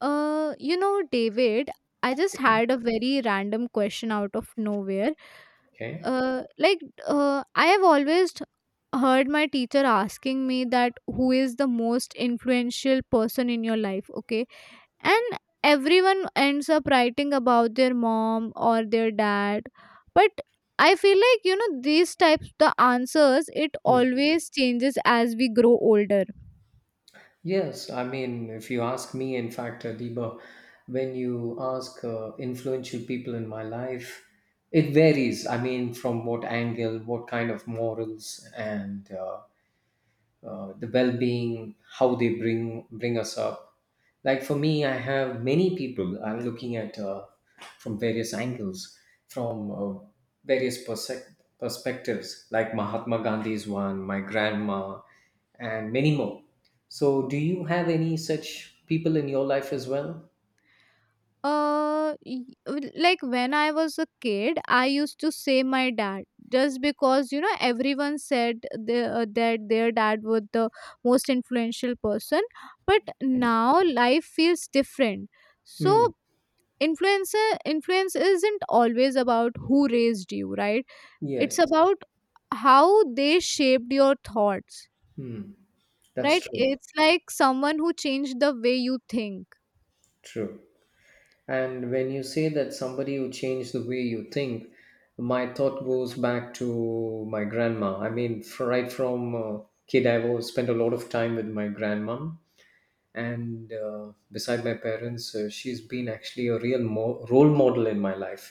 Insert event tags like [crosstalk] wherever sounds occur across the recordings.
David, I just had a very random question out of nowhere. Okay. Uh, like, I have always heard my teacher asking me that who is the most influential person in your life, okay? And everyone ends up writing about their mom or their dad. But I feel like, these types, the answers, it Hmm. always changes as we grow older. Yes, I mean, if you ask me, in fact, Deepa, when you ask influential people in my life, it varies. I mean, from what angle, what kind of morals, and the well-being how they bring us up. Like for me, I have many people I'm looking at, from various angles, from various perspectives, like Mahatma Gandhi is one, my grandma, and many more. So do you have any such people in your life as well? Like when I was a kid, I used to say my dad just because you know everyone said that their dad was the most influential person. But now life feels different. So Hmm. Influence isn't always about who raised you, right? It's Yes. about how they shaped your thoughts, Hmm. That's right? true. It's like someone who changed the way you think. True. And when you say that somebody who changed the way you think, my thought goes back to my grandma. I mean, f right from kid, I was spent a lot of time with my grandma, and beside my parents, she's been actually a real role model in my life.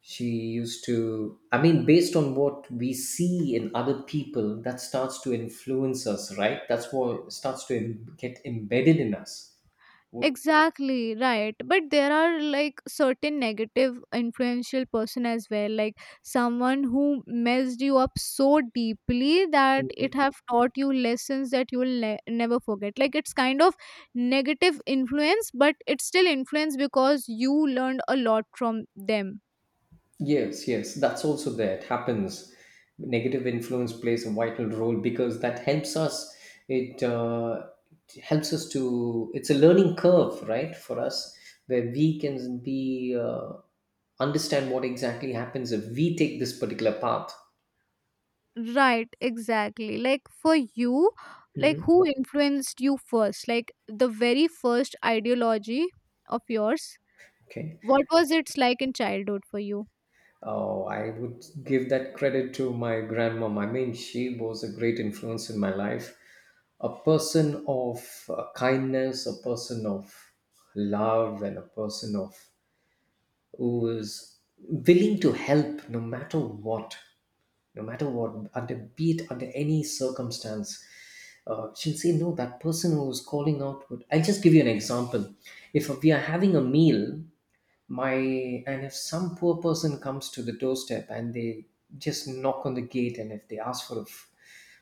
She used to, I mean, based on what we see in other people, that starts to influence us, right? That's what starts to get embedded in us. What. Exactly, right. But there are like certain negative influential person as well, like someone who messed you up so deeply that it have taught you lessons that you will never forget. Like it's kind of negative influence, but it's still influence because you learned a lot from them. Yes, yes, that's also there. It happens. Negative influence plays a vital role because that helps us. It, uh, it helps us to. It's a learning curve, right, for us, where we can be, understand what exactly happens if we take this particular path. Right, exactly. Like for you, like Hmm. who influenced you first? Like the very first ideology of yours? Okay. What was it like in childhood for you? Oh, I would give that credit to my grandmom. I mean, she was a great influence in my life. A person of kindness, a person of love, and a person of who is willing to help no matter what, no matter what, under be it under any circumstance. She'll say, no, that person who's calling out would. I'll just give you an example. If we are having a meal, my and if some poor person comes to the doorstep and they just knock on the gate and if they ask for a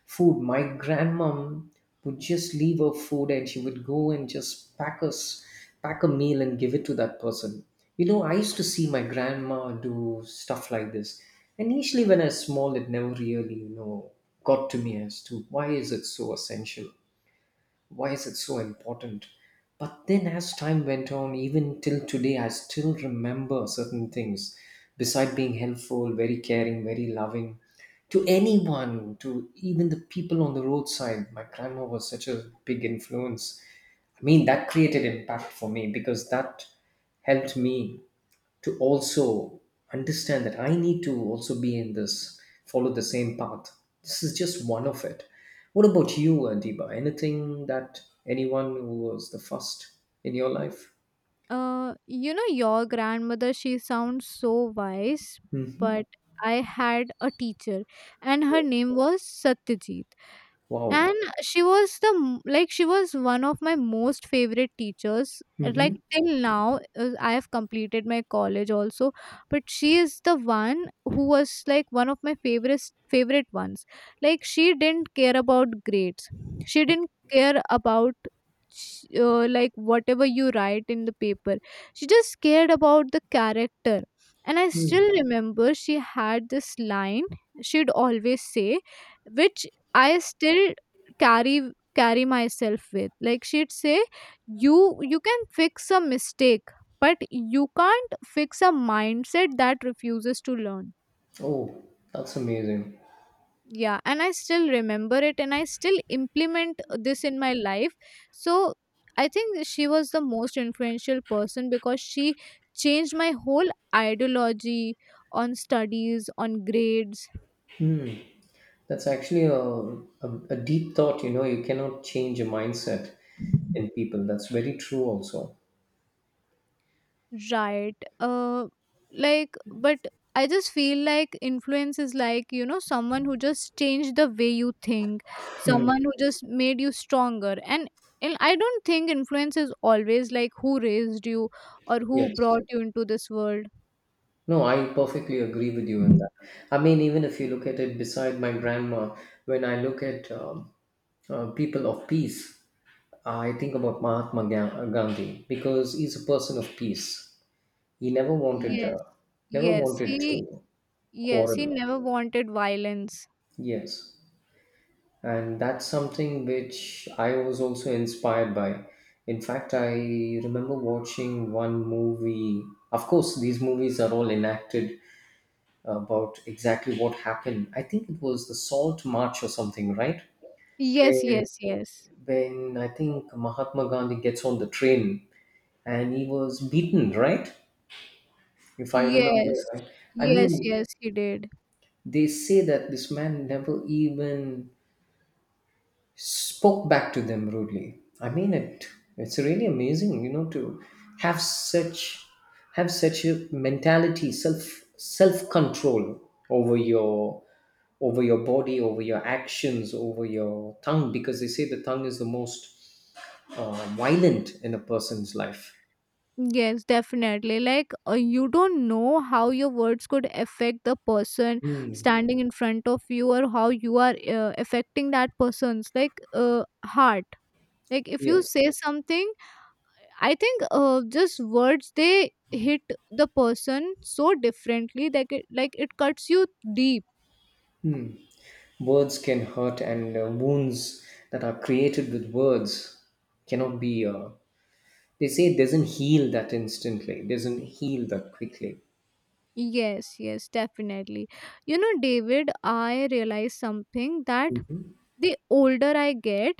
food, my grandmom would just leave her food and she would go and just pack a meal and give it to that person. You know, I used to see my grandma do stuff like this, and initially when I was small, it never really, you know, got to me as to why is it so essential, why is it so important. But then as time went on, even till today, I still remember certain things. Beside being helpful, very caring, very loving to anyone, to even the people on the roadside, my grandma was such a big influence. I mean, that created impact for me because that helped me to also understand that I need to also be in this, follow the same path. This is just one of it. What about you, Adiba? Anything that, anyone who was the first in your life? You know, your grandmother, she sounds so wise, Hmm. but I had a teacher and her name was Satyajit. Wow. And she was like she was one of my most favorite teachers. And like Hmm. till now I have completed my college also, but she is the one who was like one of my favorite ones. Like she didn't care about grades, she didn't care about like whatever you write in the paper. She just cared about the character. And I still remember she had this line she'd always say, which I still carry carry myself with. Like she'd say, you can fix a mistake, but you can't fix a mindset that refuses to learn. Oh, that's amazing. Yeah, and I still remember it, and I still implement this in my life. So I think she was the most influential person because she changed my whole ideology on studies, on grades. That's actually a deep thought. You know, you cannot change a mindset in people. That's very true, also. Right. Like, but I just feel like influence is like, you know, someone who just changed the way you think, someone who just made you stronger. And I don't think influence is always like who raised you or who Yes. brought you into this world. No, I perfectly agree with you in that. I mean, even if you look at it beside my grandma, when I look at people of peace, I think about Mahatma Gandhi because he's a person of peace. He never wanted, Yes. Never Yes. wanted He, to yes, he quarrel. never wanted violence. Yes, and that's something which I was also inspired by. In fact, I remember watching one movie. Of course, these movies are all enacted about exactly what happened. I think it was the Salt March or something, right? Yes, Where yes, yes. when I think Mahatma Gandhi gets on the train and he was beaten, right? If I remember Yes. right. I Yes, mean, yes, he did. they say that this man never even spoke back to them rudely. I mean it. It's really amazing, you know, to have such have such a mentality, self control over your, over your body, over your actions, over your tongue, because they say the tongue is the most violent in a person's life. Yes, definitely. Like, you don't know how your words could affect the person Hmm. standing in front of you, or how you are affecting that person's like heart. Like, if you Yes. say something, I think just words, they hit the person so differently that it, like it cuts you deep. Hmm. Words can hurt, and wounds that are created with words cannot be, they say it doesn't heal that instantly, it doesn't heal that quickly. Yes, yes, definitely. You know, David, I realized something, that Hmm. the older I get,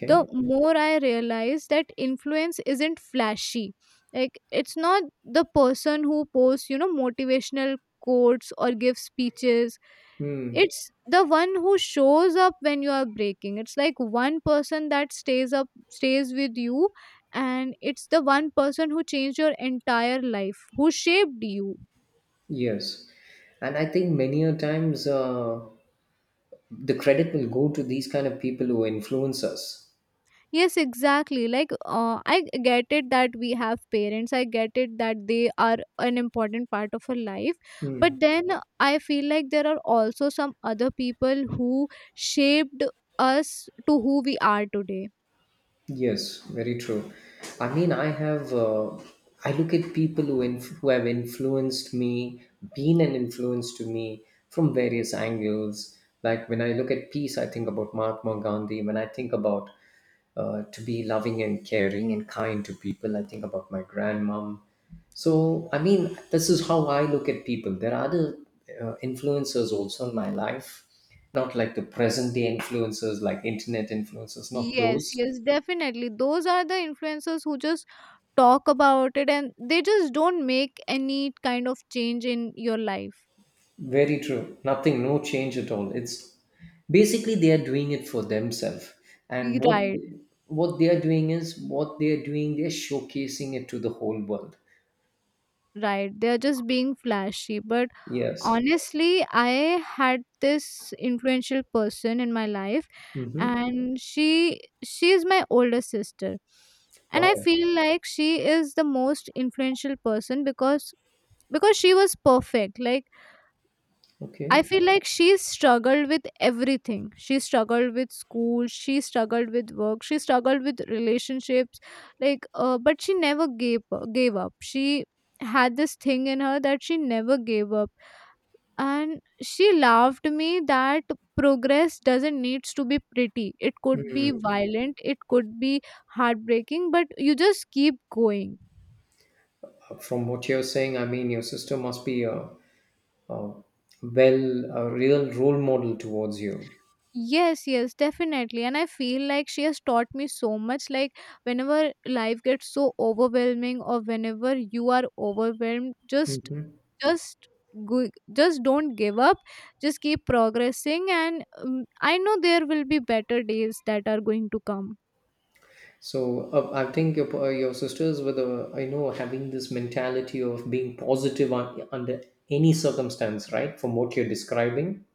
the more I realize that influence isn't flashy. Like, it's not the person who posts, you know, motivational quotes or gives speeches. Hmm. It's the one who shows up when you are breaking. It's like one person that stays with you, and it's the one person who changed your entire life, who shaped you. Yes. And I think many a times, the credit will go to these kind of people who influence us. Yes, exactly. Like, I get it that we have parents. I get it that they are an important part of our life. But then I feel like there are also some other people who shaped us to who we are today. Yes, very true. I mean, I have. I look at people who who have influenced me, been an influence to me from various angles. Like when I look at peace, I think about Mahatma Gandhi. When I think about, to be loving and caring and kind to people, I think about my grandmom. So, I mean, this is how I look at people. There are other influencers also in my life, not like the present day influencers, like internet influencers, not Yes, those. yes, definitely. Those are the influencers who just talk about it, and they just don't make any kind of change in your life. Very true. Nothing, no change at all. It's basically they are doing it for themselves. And what Right, what they are doing is what they are doing, they're showcasing it to the whole world. right. They're just being flashy. But Yes. honestly, I had this influential person in my life, Mm-hmm. and she is my older sister. And I Wow. feel like she is the most influential person because she was perfect. Like, I Okay. feel like she struggled with everything. She struggled with school, she struggled with work, she struggled with relationships. Like but she never gave up. She had this thing in her that she never gave up. And she laughed me that progress doesn't needs to be pretty, it could be Hmm. violent, it could be heartbreaking, but you just keep going. From what you're saying, I mean, your sister must be a, well, a real role model towards you. Yes, yes, definitely. And I feel like she has taught me so much. Like whenever life gets so overwhelming, or whenever you are overwhelmed, Hmm. just go, just don't give up, just keep progressing. And I know there will be better days that are going to come. So, I think your, your sisters were the, I know, having this mentality of being positive on, under any circumstance, right? From what you're describing,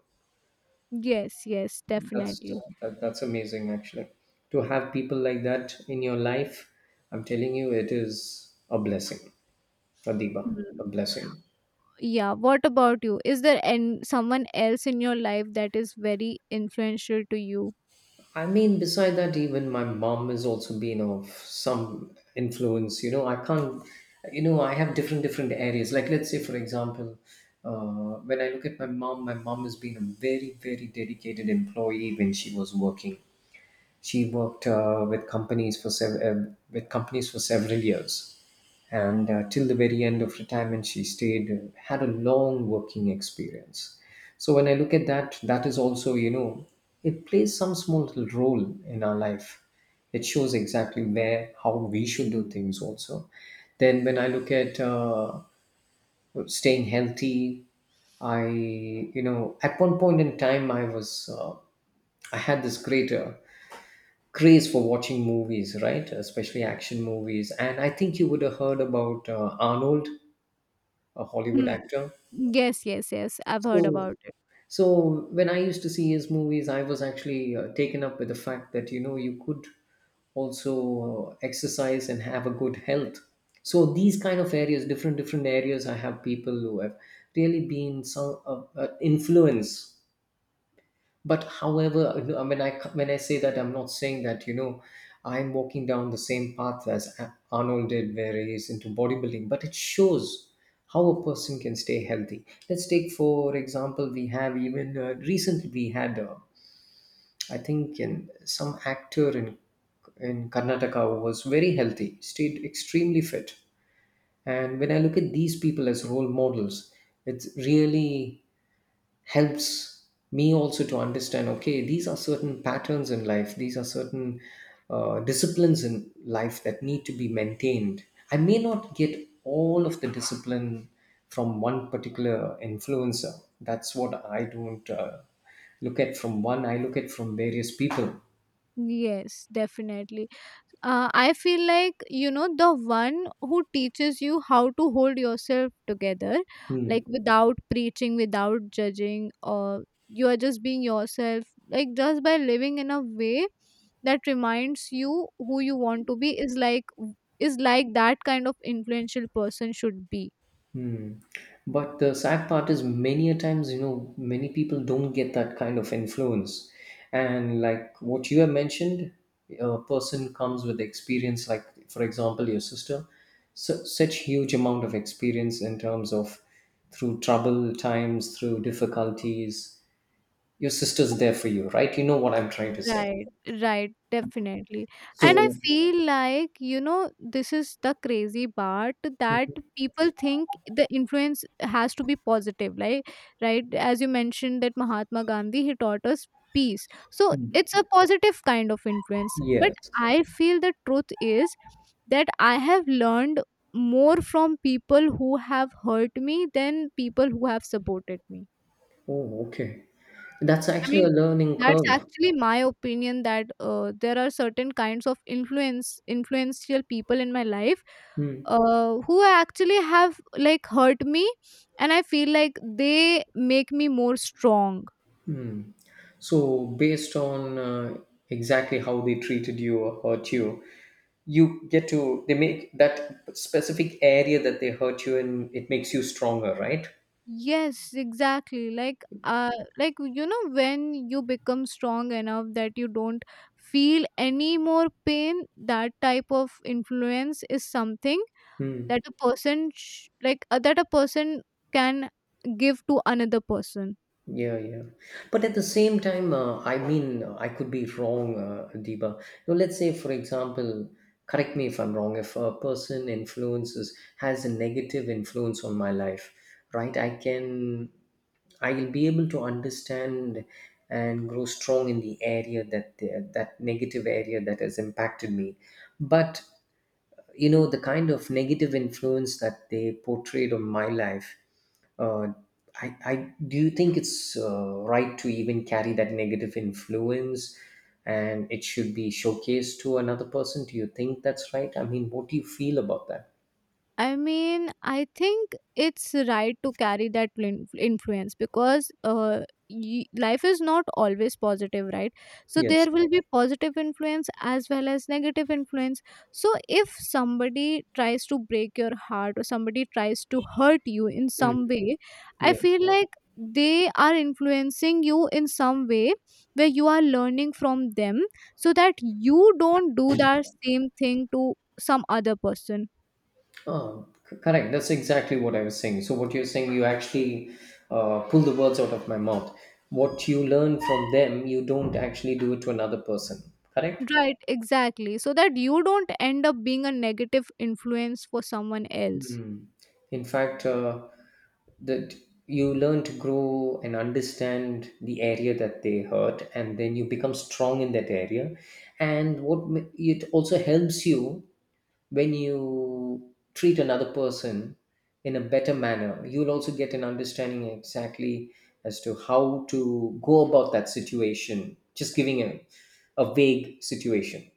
Yes, yes, definitely. that's that, that's amazing actually. To have people like that in your life, I'm telling you, it is a blessing, Adiba, Hmm. a blessing. Yeah, what about you? Is there an someone else in your life that is very influential to you? I mean, beside that, even my mom has also been of some influence. You know, I can't, you know, I have different, different areas. Like, let's say, for example, when I look at my mom has been a very, very dedicated employee when she was working. She worked with companies for several years, and till the very end of retirement, she stayed had a long working experience. So when I look at that, that is also, you know, it plays some small little role in our life. It shows exactly where, how we should do things also. Then when I look at, staying healthy, I, you know, at one point in time I was. I had this greater craze for watching movies, right? Especially action movies. And I think you would have heard about Arnold, a Hollywood Hmm. actor. Yes, yes, yes. I've heard about So, it. so when I used to see his movies, I was actually taken up with the fact that you know you could also, exercise and have a good health. So these kind of areas, different different areas, I have people who have really been some, influence, but however, you know, when I say that, I'm not saying that you know I'm walking down the same path as Arnold did, where he's into bodybuilding. But it shows how a person can stay healthy. Let's take for example, we have even, recently we had, I think, in some actor in Karnataka who was very healthy, stayed extremely fit. And when I look at these people as role models, it's really helps me also to understand, okay, these are certain patterns in life, these are certain disciplines in life that need to be maintained. I may not get all of the discipline from one particular influencer. That's what I don't, look at from one, I look at from various people. Yes, definitely. I feel like, you know, the one who teaches you how to hold yourself together, Hmm. like without preaching, without judging, or you are just being yourself. Like just by living in a way that reminds you who you want to be, is like that kind of influential person should be. Hmm. But the sad part is many a times, you know, many people don't get that kind of influence. And like what you have mentioned, a person comes with experience, like for example, your sister, such huge amount of experience in terms of, through trouble times, through difficulties. Your sister's there for you, right? You know what I'm trying to say. Right, right, definitely. And I So, feel like, you know, this is the crazy part, that people think the influence has to be positive, like right? As you mentioned that Mahatma Gandhi, he taught us peace. So it's a positive kind of influence. But yes. I feel the truth is that I have learned more from people who have hurt me than people who have supported me. Oh, okay. That's I actually a mean, learning that's curve. actually my opinion, that there are certain kinds of influence influential people in my life, Hmm. Who actually have like hurt me, and I feel like they make me more strong. Hmm. So, based on, exactly how they treated you or hurt you, you get to, they make that specific area that they hurt you in, it makes you stronger, right? Yes, exactly. Like like, you know, when you become strong enough that you don't feel any more pain, that type of influence is something Hmm. that like that a person can give to another person. Yeah, yeah. But at the same time, I could be wrong, Deepa. You know, let's say, for example, correct me if I'm wrong, if a person influences, has a negative influence on my life, right? I can, I will be able to understand and grow strong in the area that, that negative area that has impacted me. But you know the kind of negative influence that they portrayed on my life, uh, I do you think it's, right to even carry that negative influence and it should be showcased to another person? Do you think that's right? I mean, what do you feel about that? I mean, I think it's right to carry that influence, because life is not always positive, right? So Yes. there will be positive influence as well as negative influence. So if somebody tries to break your heart, or somebody tries to hurt you in Mm, some way, I yes. feel like they are influencing you in some way, where you are learning from them, so that you don't do that same thing to some other person. Oh, correct, that's exactly what I was saying. So what you're saying, you actually, pull the words out of my mouth. What you learn from them, you don't actually do it to another person. Correct. Right, exactly. So that you don't end up being a negative influence for someone else. Mm. In fact, that you learn to grow and understand the area that they hurt, and then you become strong in that area. And it also helps you when you treat another person in a better manner. You'll also get an understanding exactly as to how to go about that situation. Just giving a vague situation.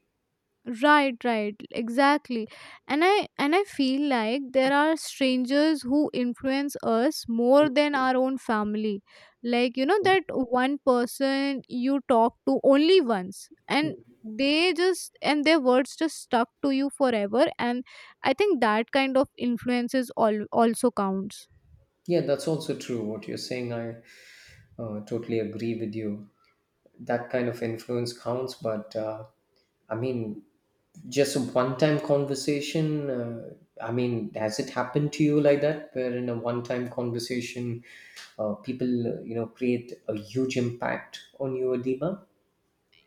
Right, right, exactly. And I feel like there are strangers who influence us more than our own family. Like, you know, that one person you talk to only once, and Mhm. they just and their words just stuck to you forever, and I think that kind of influences all also counts. Yeah, that's also true. What you're saying, I totally agree with you. That kind of influence counts, but i mean just a one time conversation. Has it happened to you like that, where in a one time conversation people create a huge impact on you, Adiba?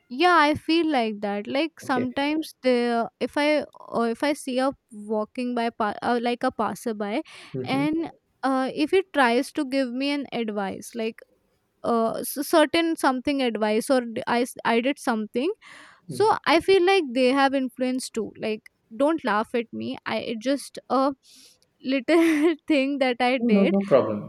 Yeah, I feel like that. Like Okay. sometimes the if I or if I see a walking by like a passerby, Mm-hmm. and if he tries to give me an advice, like certain something advice, or I, I did something. So I feel like they have influence too. Like, don't laugh at me, I it just a little [laughs] thing that I No, did. no problem.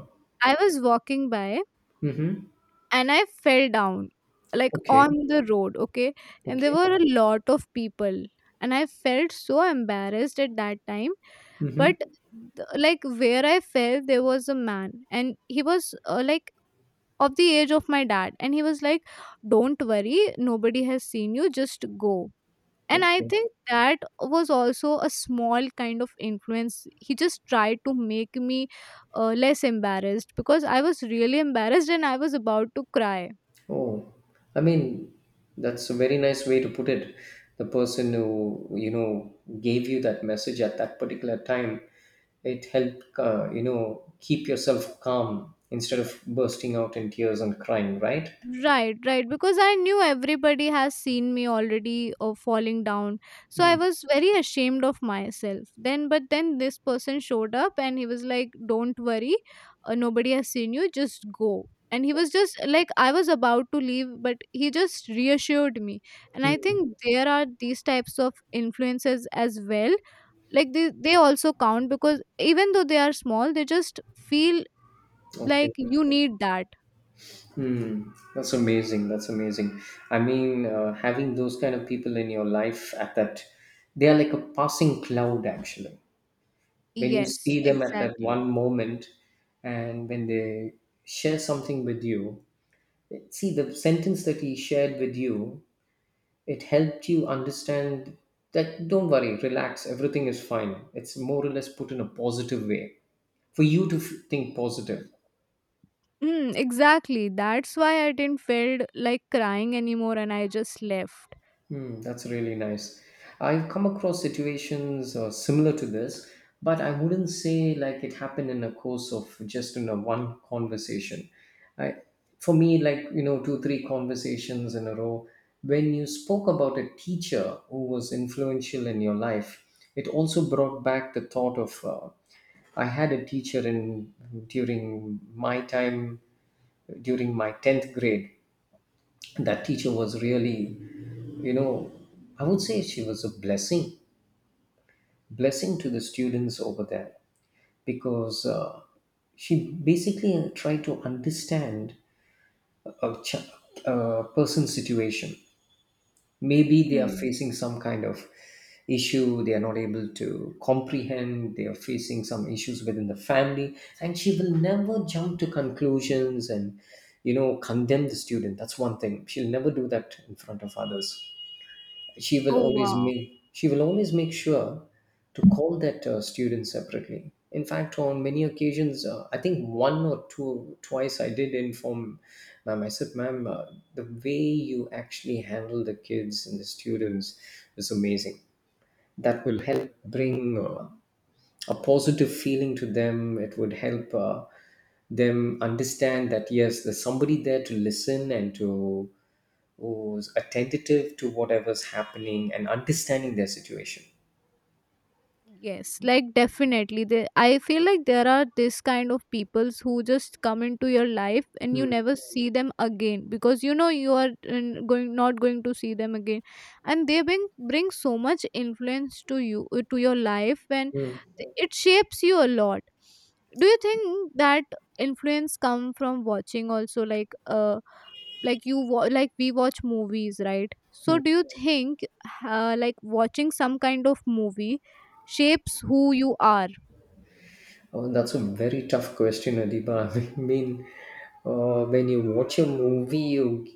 I was walking by, Mm-hmm. and I fell down, like Okay, on the road, okay? And there okay. were a lot of people, and I felt so embarrassed at that time. Mm-hmm. But like where I fell, there was a man, and he was like of the age of my dad, and he was like, "Don't worry, nobody has seen you, just go." And I Okay. think that was also a small kind of influence. He just tried to make me less embarrassed, because I was really embarrassed and I was about to cry. Oh, I mean, that's a very nice way to put it. The person who gave you that message at that particular time, it helped keep yourself calm instead of bursting out in tears and crying, right? Right, right. Because I knew everybody has seen me already falling down. So I Mm. was very ashamed of myself. Then, but then this person showed up and he was like, "Don't worry, nobody has seen you, just go." And he was just like, I was about to leave, but he just reassured me. And I Mm. think there are these types of influences as well. Like, they also count, because even though they are small, they just feel Okay. like you need that. Mm. That's amazing. That's amazing. I mean, having those kind of people in your life at that, they are like a passing cloud, actually. When you Yes, see them at that exactly. one moment, and when they share something with you, see the sentence that he shared with you, it helped you understand that don't worry, relax, everything is fine. It's more or less put in a positive way for you to think positive. Mm, exactly. That's why I didn't feel like crying anymore and I just left. Hmm, that's really nice. I've come across situations similar to this, but I wouldn't say like it happened in a course of just in a one conversation. I, for me, like, 2-3 conversations in a row. When you spoke about a teacher who was influential in your life, it also brought back the thought of, I had a teacher in, during my time, during my 10th grade. That teacher was really, you know I would say she was a blessing, blessing to the students over there, because she basically tried to understand a, ch- a person's situation. Maybe they are Mm. facing some kind of issue they are not able to comprehend, they are facing some issues within the family, and she will never jump to conclusions and, condemn the student. That's one thing, she'll never do that in front of others. she will Oh always wow. make she will always make sure to call that student separately. In fact, on many occasions, I think one or two, twice, I did inform Ma'am. I said, Ma'am, the way you actually handle the kids and the students is amazing. That will help bring a positive feeling to them. It would help them understand that yes, there's somebody there to listen and to who's attentive to whatever's happening and understanding their situation. Yes, like definitely. They, I feel like there are this kind of peoples who just come into your life and you Hmm. never see them again, because you know you are going not going to see them again, and they bring so much influence to you to your life, and Hmm. it shapes you a lot. Do you think that influence come from watching also like like we watch movies, right? So Hmm. do you think like watching some kind of movie shapes who you are? Oh, that's a very tough question, Adiba. [laughs] I mean, when you watch a movie, you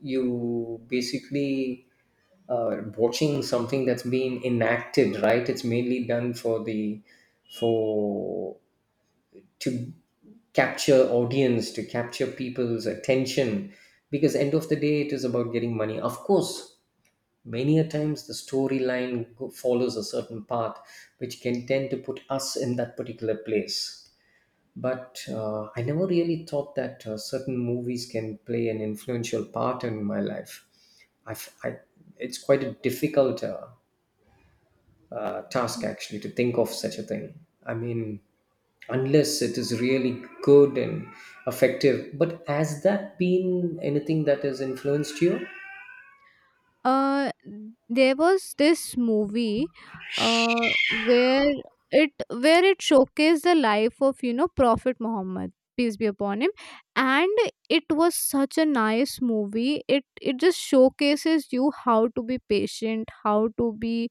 you basically watching something that's been enacted, right? It's mainly done for the, for to capture audience, to capture people's attention, because end of the day, it is about getting money. Of course, many a times the storyline follows a certain path, which can tend to put us in that particular place. But I never really thought that certain movies can play an influential part in my life. I've, I, it's quite a difficult task, actually, to think of such a thing. I mean, unless it is really good and effective. But has that been anything that has influenced you? uh there was this movie, uh where it where it showcased the life of, you know, Prophet Muhammad, peace be upon him. And it was such a nice movie. It just showcases you how to be patient, how to be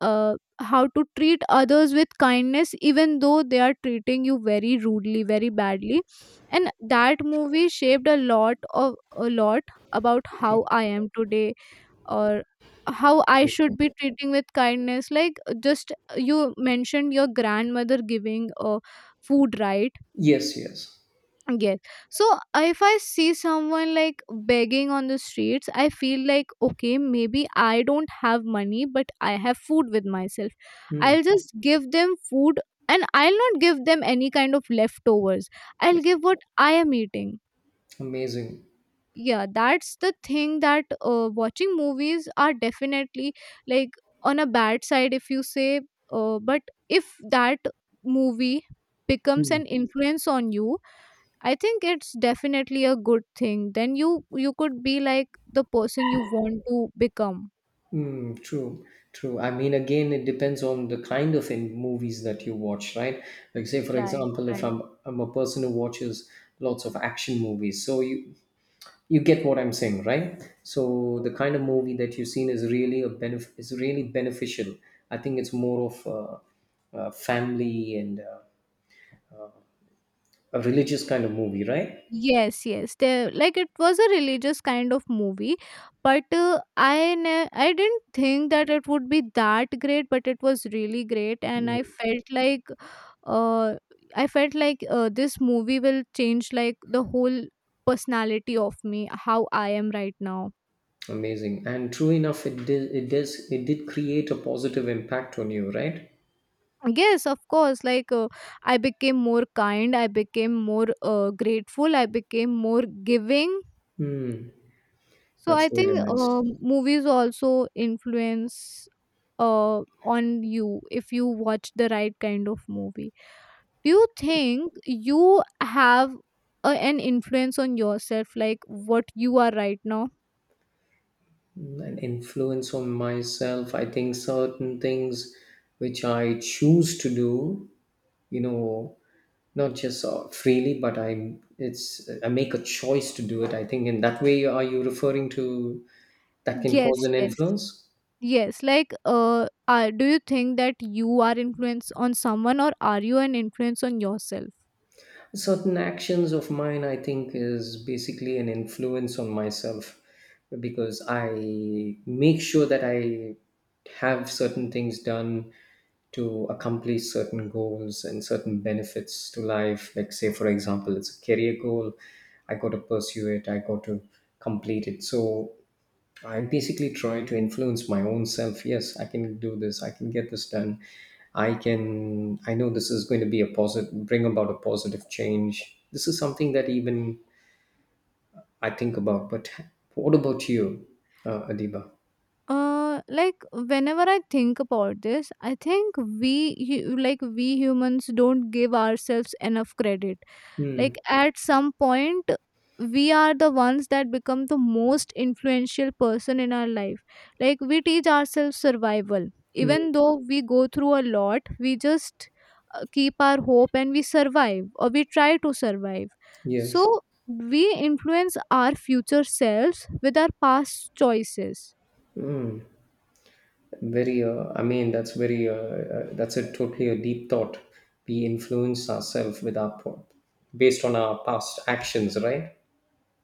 uh, how to treat others with kindness even though they are treating you very rudely, very badly. And that movie shaped a lot about Okay. how I am today. Or how I should be treating with kindness, like just you mentioned your grandmother giving, food, right? Yes, yes. Yes. So if I see someone like begging on the streets, I feel like, okay, maybe I don't have money, but I have food with myself. Hmm. I'll just give them food, and I'll not give them any kind of leftovers. I'll give what I am eating. Amazing. Yeah, that's the thing, that watching movies are definitely, like, on a bad side, if you say, but if that movie becomes Mm. an influence on you, I think it's definitely a good thing. Then you could be like the person you want to become. Mm, true, true. I mean, again, it depends on the kind of in movies that you watch, right? Like, say, for Right, example, if right. I'm a person who watches lots of action movies, so you get what I'm saying, right? So the kind of movie that you've seen is really beneficial. I think it's more of a family and a religious kind of movie, right? Yes, yes. There, like, it was a religious kind of movie, but I didn't think that it would be that great, but it was really great, and I Mm. felt like uh I felt like, this movie will change like the whole personality of me, how I am right now. Amazing. And true enough, it did, it does, it did create a positive impact on you, right? Yes, of course. I became more kind, I became more grateful, I became more giving. Hmm. So That's I really think, nice. Movies also influence on you if you watch the right kind of movie. Do you think you have an influence on yourself, like what you are right now? An influence on myself. I think certain things which I choose to do, you know, not just freely, but I make a choice to do it. I think in that way, are you referring to that can cause Yes, an yes, influence? yes. Do you think that you are influence on someone, or are you an influence on yourself? Certain actions of mine, I think, is basically an influence on myself, because I make sure that I have certain things done to accomplish certain goals and certain benefits to life. Like, say, for example, it's a career goal, I got to pursue it, I got to complete it. So I basically try to influence my own self. Yes, I can do this. I can get this done. I can. I know this is going to be a positive, bring about a positive change. This is something that even I think about. But what about you, Adiba? Like, whenever I think about this, I think we like we humans don't give ourselves enough credit. Hmm. Like, at some point, we are the ones that become the most influential person in our life. Like, we teach ourselves survival. Hmm. Even though we go through a lot, we just keep our hope and we survive, or we try to survive. Yes. So we influence our future selves with our past choices. Mm. Very, I mean, that's very, that's a totally a deep thought. We influence ourselves with our, based on our past actions, right?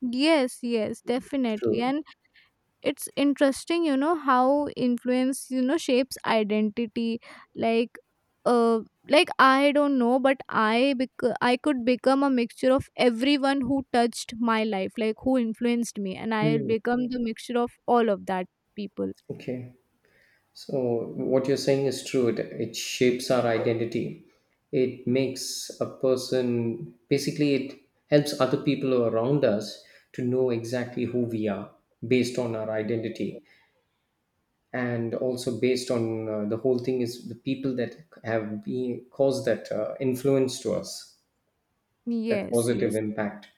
Yes, yes, definitely. True. And it's interesting, you know, how influence, you know, shapes identity. Like, uh, like I don't know, but I could become a mixture of everyone who touched my life, like who influenced me, and I'll Mm. become the mixture of all of that people. Okay. So what you're saying is true. It shapes our identity. It makes a person, basically it helps other people around us to know exactly who we are based on our identity, and also based on, the whole thing is the people that have been caused that influence to us, that Yes, positive yes. impact.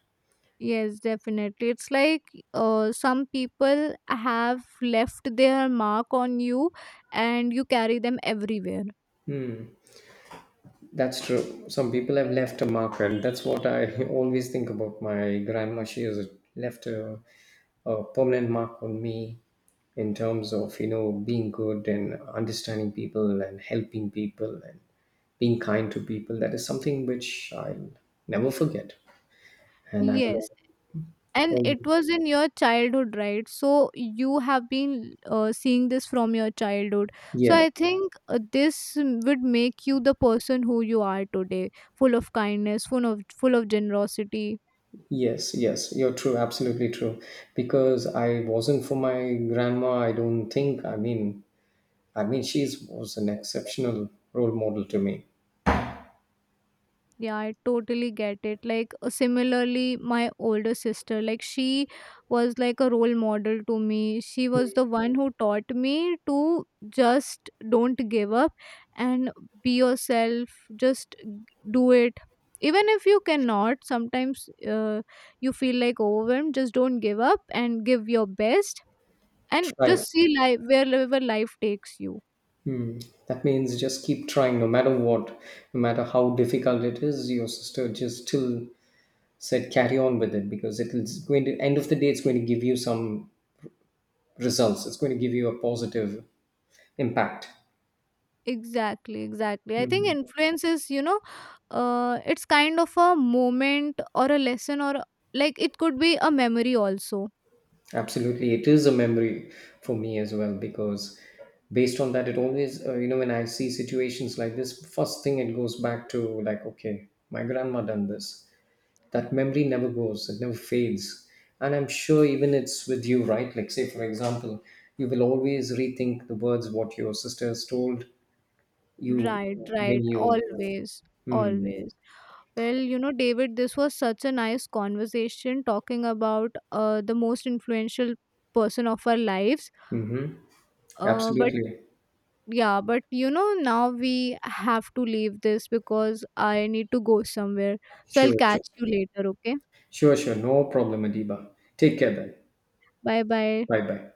Yes, definitely. It's like, some people have left their mark on you and you carry them everywhere. That's true. Some people have left a mark, and that's what I [laughs] always think about my grandma. She has left a permanent mark on me in terms of, being good and understanding people and helping people and being kind to people. That is something which I'll never forget, and I Yes. will And always. it was in your childhood, right? So you have been, seeing this from your childhood. So Yeah. I think, this would make you the person who you are today, full of kindness, full of generosity. Yes, yes, you're true, absolutely true. Because I wasn't for my grandma, I don't think. I mean, she was an exceptional role model to me. Yeah, I totally get it. Like, similarly, my older sister, like, she was like a role model to me. She was the one who taught me to just don't give up and be yourself. Just g- do it. Even if you cannot, sometimes, you feel like overwhelmed, just don't give up and give your best, and Try. just see life wherever life takes you. Hmm. That means just keep trying no matter what, no matter how difficult it is. Your sister just still said carry on with it, because it's going to, end of the day, it's going to give you some results. It's going to give you a positive impact. Exactly, exactly. I think influence is, you know, it's kind of a moment or a lesson, or like it could be a memory also. Absolutely. It is a memory for me as well, because based on that, it always, when I see situations like this, first thing it goes back to like, okay, my grandma done this. That memory never goes, it never fades. And I'm sure even it's with you, right? Like, say, for example, you will always rethink the words what your sister has told you Right, when right. you. Always, Hmm. always. Well, you know, David, this was such a nice conversation talking about the most influential person of our lives. Mm-hmm. But Absolutely. yeah, but you know, now we have to leave this because I need to go somewhere. So I'll Sure, sure. catch you later, okay? Sure, sure, no problem, Adiba. Take care then. Bye bye. Bye bye